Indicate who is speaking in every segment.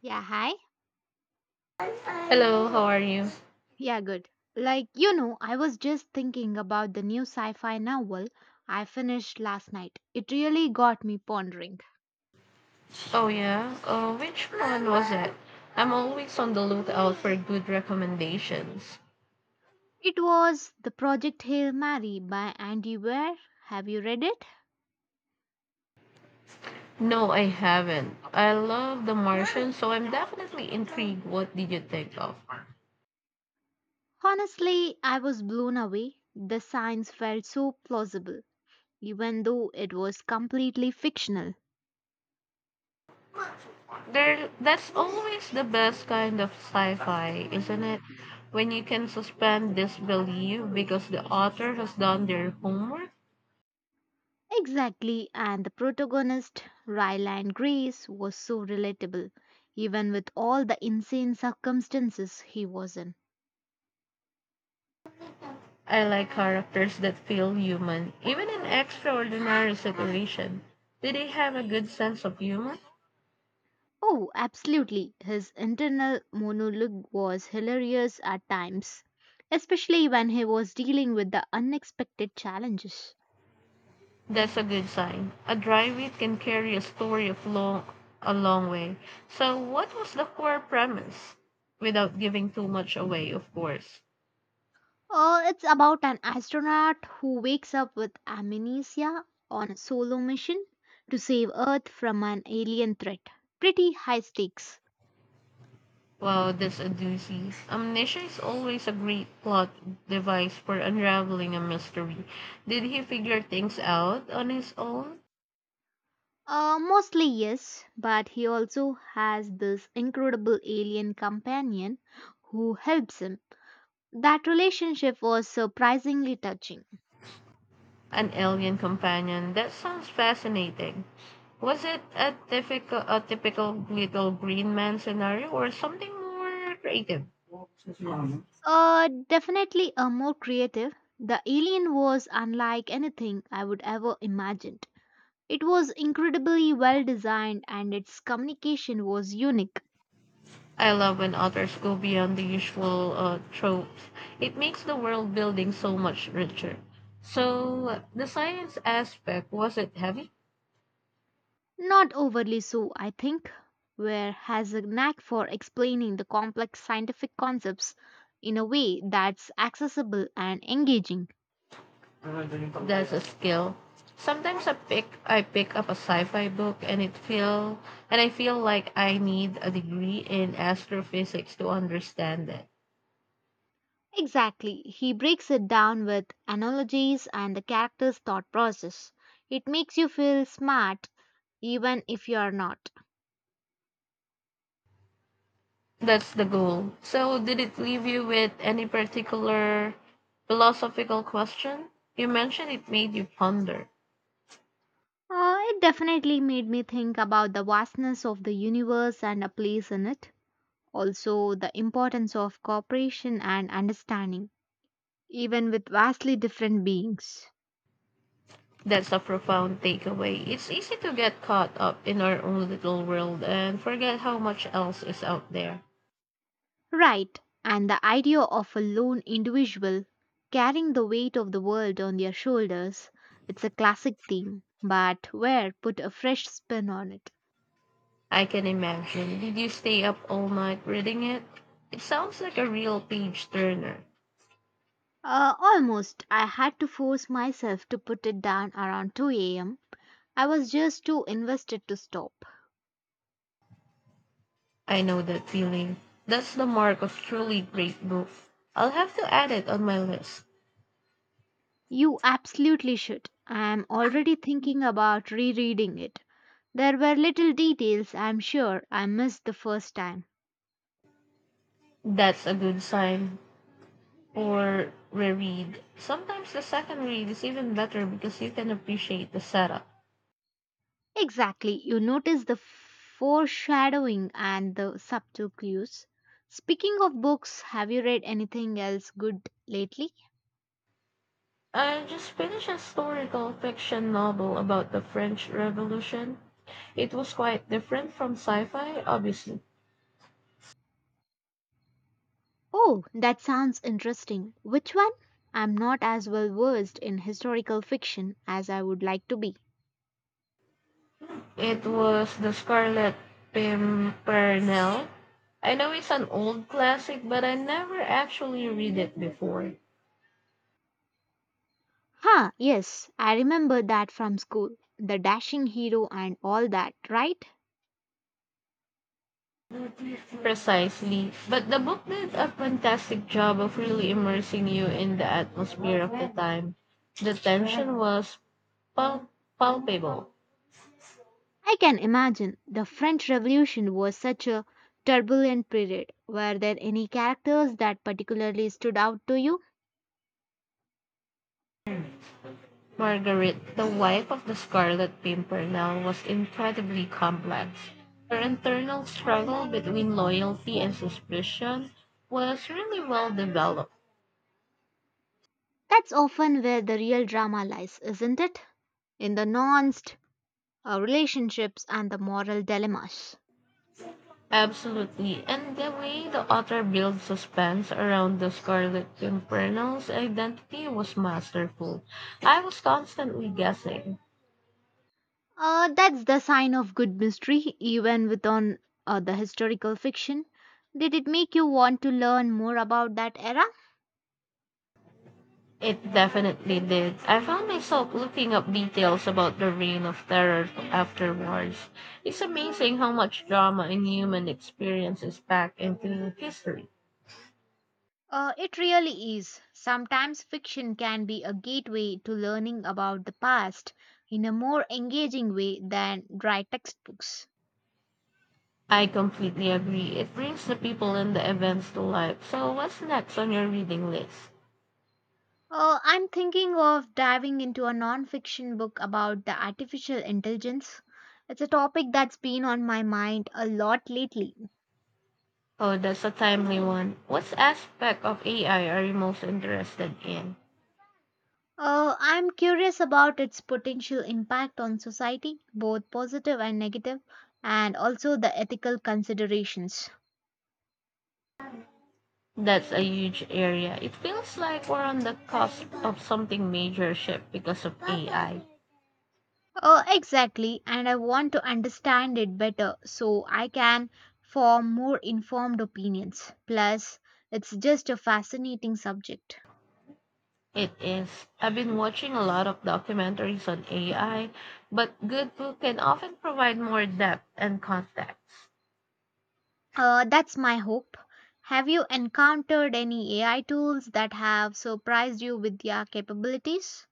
Speaker 1: Yeah, hi.
Speaker 2: Hello, how are you?
Speaker 1: Yeah, good. Like, I was just thinking about the new sci fi novel I finished last night. It really got me pondering.
Speaker 2: Oh yeah, which one was it? I'm always on the lookout for good recommendations.
Speaker 1: It was The Project Hail Mary by Andy Weir. Have you read it?
Speaker 2: No, I haven't. I love The Martian, so I'm definitely intrigued. What did you think of?
Speaker 1: Honestly, I was blown away. The science felt so plausible, even though it was completely fictional.
Speaker 2: There, that's always the best kind of sci-fi, isn't it? When you can suspend disbelief because the author has done their homework.
Speaker 1: Exactly, and the protagonist, Ryland Grace, was so relatable, even with all the insane circumstances he was in.
Speaker 2: I like characters that feel human, even in extraordinary situations. Did they have a good sense of humor?
Speaker 1: Oh, absolutely. His internal monologue was hilarious at times, especially when he was dealing with the unexpected challenges.
Speaker 2: That's a good sign. A dry wit can carry a story of a long way. So, what was the core premise? Without giving too much away, of course.
Speaker 1: It's about an astronaut who wakes up with amnesia on a solo mission to save Earth from an alien threat. Pretty high stakes.
Speaker 2: Wow, that's a doozy. Amnesia is always a great plot device for unraveling a mystery. Did he figure things out on his own?
Speaker 1: Mostly yes, but he also has this incredible alien companion who helps him. That relationship was surprisingly touching.
Speaker 2: An alien companion. That sounds fascinating. Was it a typical little green man scenario or something more creative?
Speaker 1: Definitely a more creative. The alien was unlike anything I would ever imagined. It was incredibly well designed and its communication was unique.
Speaker 2: I love when authors go beyond the usual tropes. It makes the world building so much richer. So, the science aspect, was it heavy?
Speaker 1: Not overly so, I think, where has a knack for explaining the complex scientific concepts in a way that's accessible and engaging.
Speaker 2: That's a skill. Sometimes I pick up a sci-fi book and it feel and I feel like I need a degree in astrophysics to understand it.
Speaker 1: Exactly, he breaks it down with analogies and the character's thought process. It makes you feel smart even if you are not.
Speaker 2: That's the goal. So, did it leave you with any particular philosophical question? You mentioned it made you ponder.
Speaker 1: It definitely made me think about the vastness of the universe and a place in it. Also, the importance of cooperation and understanding, even with vastly different beings.
Speaker 2: That's a profound takeaway. It's easy to get caught up in our own little world and forget how much else is out there.
Speaker 1: Right, and the idea of a lone individual carrying the weight of the world on their shoulders. It's a classic theme, but where put a fresh spin on it.
Speaker 2: I can imagine. Did you stay up all night reading it? It sounds like a real page turner.
Speaker 1: Almost, I had to force myself to put it down around 2 am. I was just too invested to stop.
Speaker 2: I know that feeling. That's the mark of truly great book. I'll have to add it on my list.
Speaker 1: You absolutely should. I am already thinking about rereading it. There were little details I'm sure I missed the first time.
Speaker 2: That's a good sign. Or reread. Sometimes the second read is even better because you can appreciate the setup.
Speaker 1: Exactly, you notice the foreshadowing and the subtle clues. Speaking of books, have you read anything else good lately?
Speaker 2: I just finished a historical fiction novel about the French Revolution. It was quite different from sci fi, obviously.
Speaker 1: Oh, that sounds interesting. Which one? I'm not as well versed in historical fiction as I would like to be.
Speaker 2: It was The Scarlet Pimpernel. I know it's an old classic, but I never actually read it before.
Speaker 1: Huh, yes, I remember that from school. The dashing hero and all that, right?
Speaker 2: Precisely. But the book did a fantastic job of really immersing you in the atmosphere of the time. The tension was pal- palpable.
Speaker 1: I can imagine the French Revolution was such a turbulent period. Were there any characters that particularly stood out to you?
Speaker 2: Margaret, the wife of the Scarlet Pimpernel, was incredibly complex. Her internal struggle between loyalty and suspicion was really well developed.
Speaker 1: That's often where the real drama lies, isn't it? In the nuanced relationships and the moral dilemmas.
Speaker 2: Absolutely. And the way the author built suspense around the Scarlet Pimpernel's identity was masterful. I was constantly guessing.
Speaker 1: That's the sign of good mystery, even within the historical fiction. Did it make you want to learn more about that era?
Speaker 2: It definitely did. I found myself looking up details about the Reign of Terror afterwards. It's amazing how much drama and human experience is packed into history.
Speaker 1: It really is. Sometimes fiction can be a gateway to learning about the past in a more engaging way than dry textbooks.
Speaker 2: I completely agree. It brings the people and the events to life. So, what's next on your reading list?
Speaker 1: I'm thinking of diving into a non fiction book about the artificial intelligence. It's a topic that's been on my mind a lot lately.
Speaker 2: Oh, that's a timely one. What aspect of AI are you most interested in?
Speaker 1: I'm curious about its potential impact on society, both positive and negative, and also the ethical considerations.
Speaker 2: That's a huge area. It feels like we're on the cusp of something major shift because of AI.
Speaker 1: Oh, exactly. And I want to understand it better so I can form more informed opinions. Plus, it's just a fascinating subject.
Speaker 2: It is. I've been watching a lot of documentaries on AI, but good book can often provide more depth and context.
Speaker 1: That's my hope. Have you encountered any AI tools that have surprised you with their capabilities?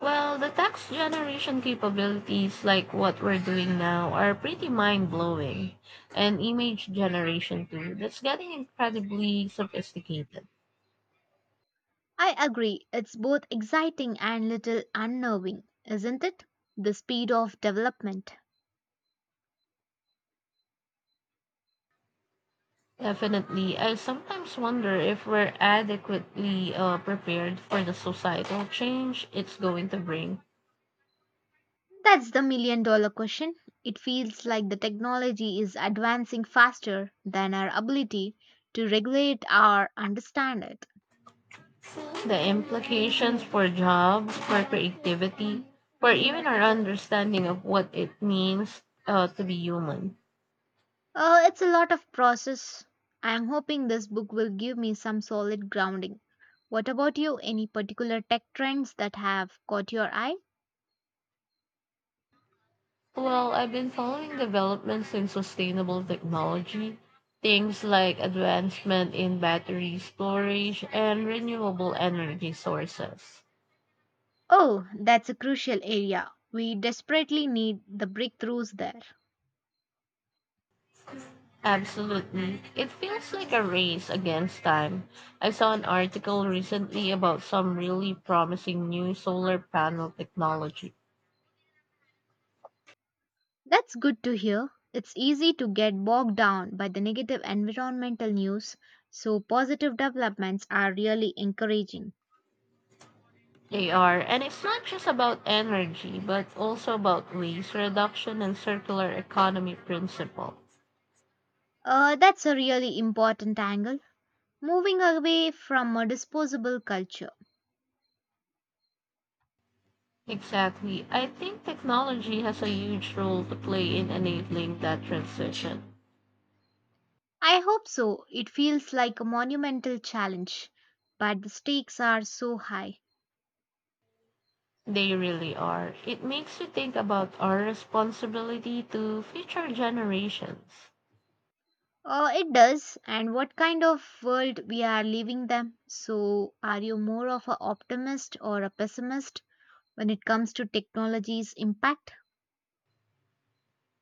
Speaker 2: Well, the text generation capabilities like what we're doing now are pretty mind-blowing, and image generation too. That's getting incredibly sophisticated.
Speaker 1: I agree, it's both exciting and little unnerving, isn't it? The speed of development.
Speaker 2: Definitely. I sometimes wonder if we're adequately prepared for the societal change it's going to bring.
Speaker 1: That's the million dollar question. It feels like the technology is advancing faster than our ability to regulate or understand it.
Speaker 2: The implications for jobs, for creativity, for even our understanding of what it means to be human.
Speaker 1: It's a lot of process. I am hoping this book will give me some solid grounding. What about you? Any particular tech trends that have caught your eye?
Speaker 2: Well, I've been following developments in sustainable technology, things like advancement in battery storage and renewable energy sources.
Speaker 1: Oh, that's a crucial area. We desperately need the breakthroughs there.
Speaker 2: Absolutely. It feels like a race against time. I saw an article recently about some really promising new solar panel technology.
Speaker 1: That's good to hear. It's easy to get bogged down by the negative environmental news, so positive developments are really encouraging.
Speaker 2: They are, and it's not just about energy, but also about waste reduction and circular economy principle.
Speaker 1: That's a really important angle. Moving away from a disposable culture.
Speaker 2: Exactly. I think technology has a huge role to play in enabling that transition.
Speaker 1: I hope so. It feels like a monumental challenge, but the stakes are so high.
Speaker 2: They really are. It makes you think about our responsibility to future generations.
Speaker 1: It does, and what kind of world we are living them. So, are you more of an optimist or a pessimist when it comes to technology's impact?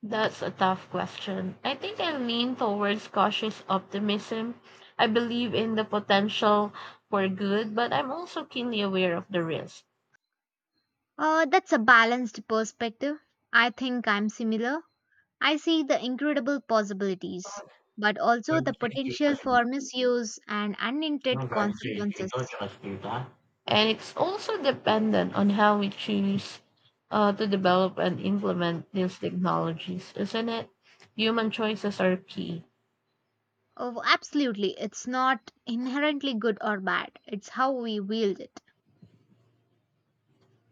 Speaker 2: That's a tough question. I think I lean towards cautious optimism. I believe in the potential for good, but I'm also keenly aware of the risk.
Speaker 1: That's a balanced perspective. I think I'm similar. I see the incredible possibilities, but also the potential
Speaker 2: And
Speaker 1: for misuse and unintended consequences.
Speaker 2: it's also dependent on how we choose to develop and implement these technologies, isn't it? Human choices are key.
Speaker 1: Oh, absolutely. It's not inherently good or bad, it's how we wield it.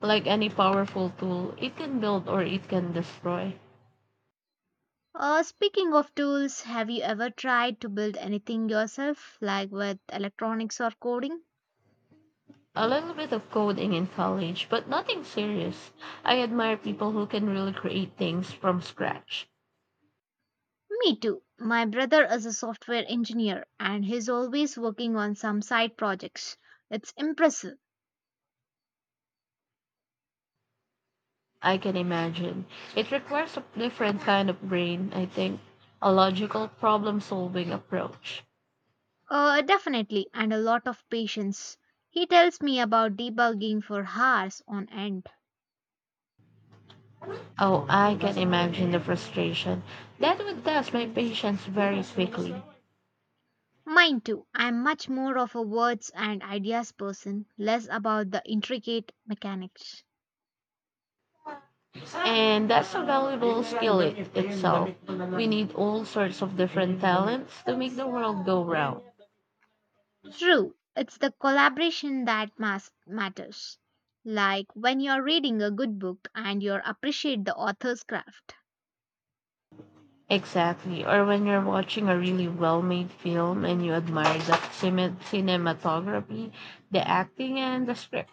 Speaker 2: Like any powerful tool, it can build or it can destroy.
Speaker 1: Speaking of tools, have you ever tried to build anything yourself, like with electronics or coding?
Speaker 2: A little bit of coding in college, but nothing serious. I admire people who can really create things from scratch.
Speaker 1: Me too. My brother is a software engineer and he's always working on some side projects. It's impressive.
Speaker 2: I can imagine. It requires a different kind of brain, I think, a logical problem solving approach.
Speaker 1: Definitely, and a lot of patience. He tells me about debugging for hours on end.
Speaker 2: Oh, I can imagine the frustration. That would test my patience very quickly.
Speaker 1: Mine too. I'm much more of a words and ideas person, less about the intricate mechanics.
Speaker 2: And that's a valuable skill it, itself. We need all sorts of different talents to make the world go round.
Speaker 1: True, it's the collaboration that matters. Like when you're reading a good book and you appreciate the author's craft.
Speaker 2: Exactly. Or when you're watching a really well made film and you admire the cinematography, the acting, and the script.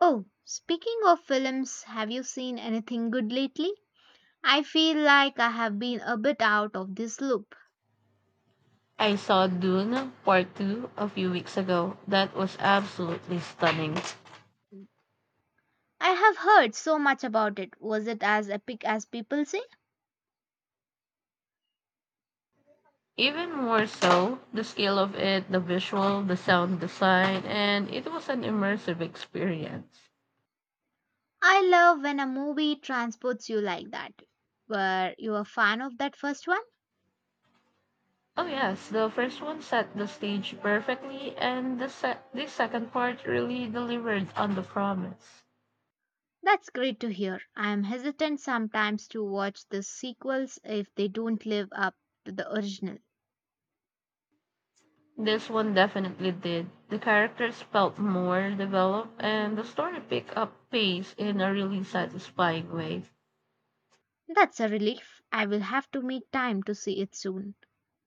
Speaker 1: Oh, speaking of films, have you seen anything good lately? I feel like I have been a bit out of this loop.
Speaker 2: I saw Dune Part 2 a few weeks ago. That was absolutely stunning.
Speaker 1: I have heard so much about it. Was it as epic as people say?
Speaker 2: Even more so, the scale of it, the visual, the sound design, and it was an immersive experience.
Speaker 1: I love when a movie transports you like that. Were you a fan of that first one?
Speaker 2: Oh yes, the first one set the stage perfectly and the second part really delivered on the promise.
Speaker 1: That's great to hear. I am hesitant sometimes to watch the sequels if they don't live up to the original.
Speaker 2: This one definitely did. The characters felt more developed and the story picked up pace in a really satisfying way.
Speaker 1: That's a relief. I will have to make time to see it soon.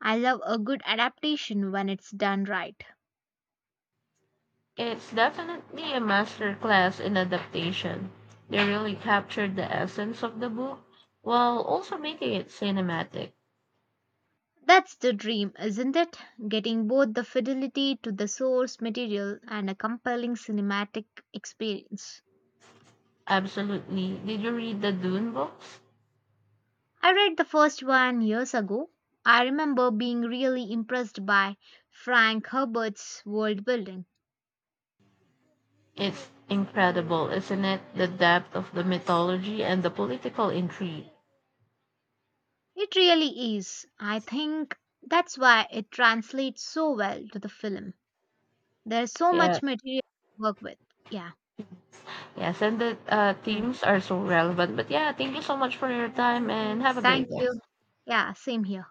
Speaker 1: I love a good adaptation when it's done right.
Speaker 2: It's definitely a masterclass in adaptation. They really captured the essence of the book while also making it cinematic.
Speaker 1: That's the dream, isn't it? Getting both the fidelity to the source material and a compelling cinematic experience.
Speaker 2: Absolutely. Did you read the Dune books?
Speaker 1: I read the first one years ago. I remember being really impressed by Frank Herbert's world building.
Speaker 2: It's incredible, isn't it? The depth of the mythology and the political intrigue.
Speaker 1: It really is. I think that's why it translates so well to the film. There's so
Speaker 2: Yeah.
Speaker 1: much material to work with. Yeah.
Speaker 2: Yes, and the
Speaker 1: Okay.
Speaker 2: themes are so relevant. But yeah, thank you so much for your time and have a great
Speaker 1: Thank you.
Speaker 2: day.
Speaker 1: Yeah, same here.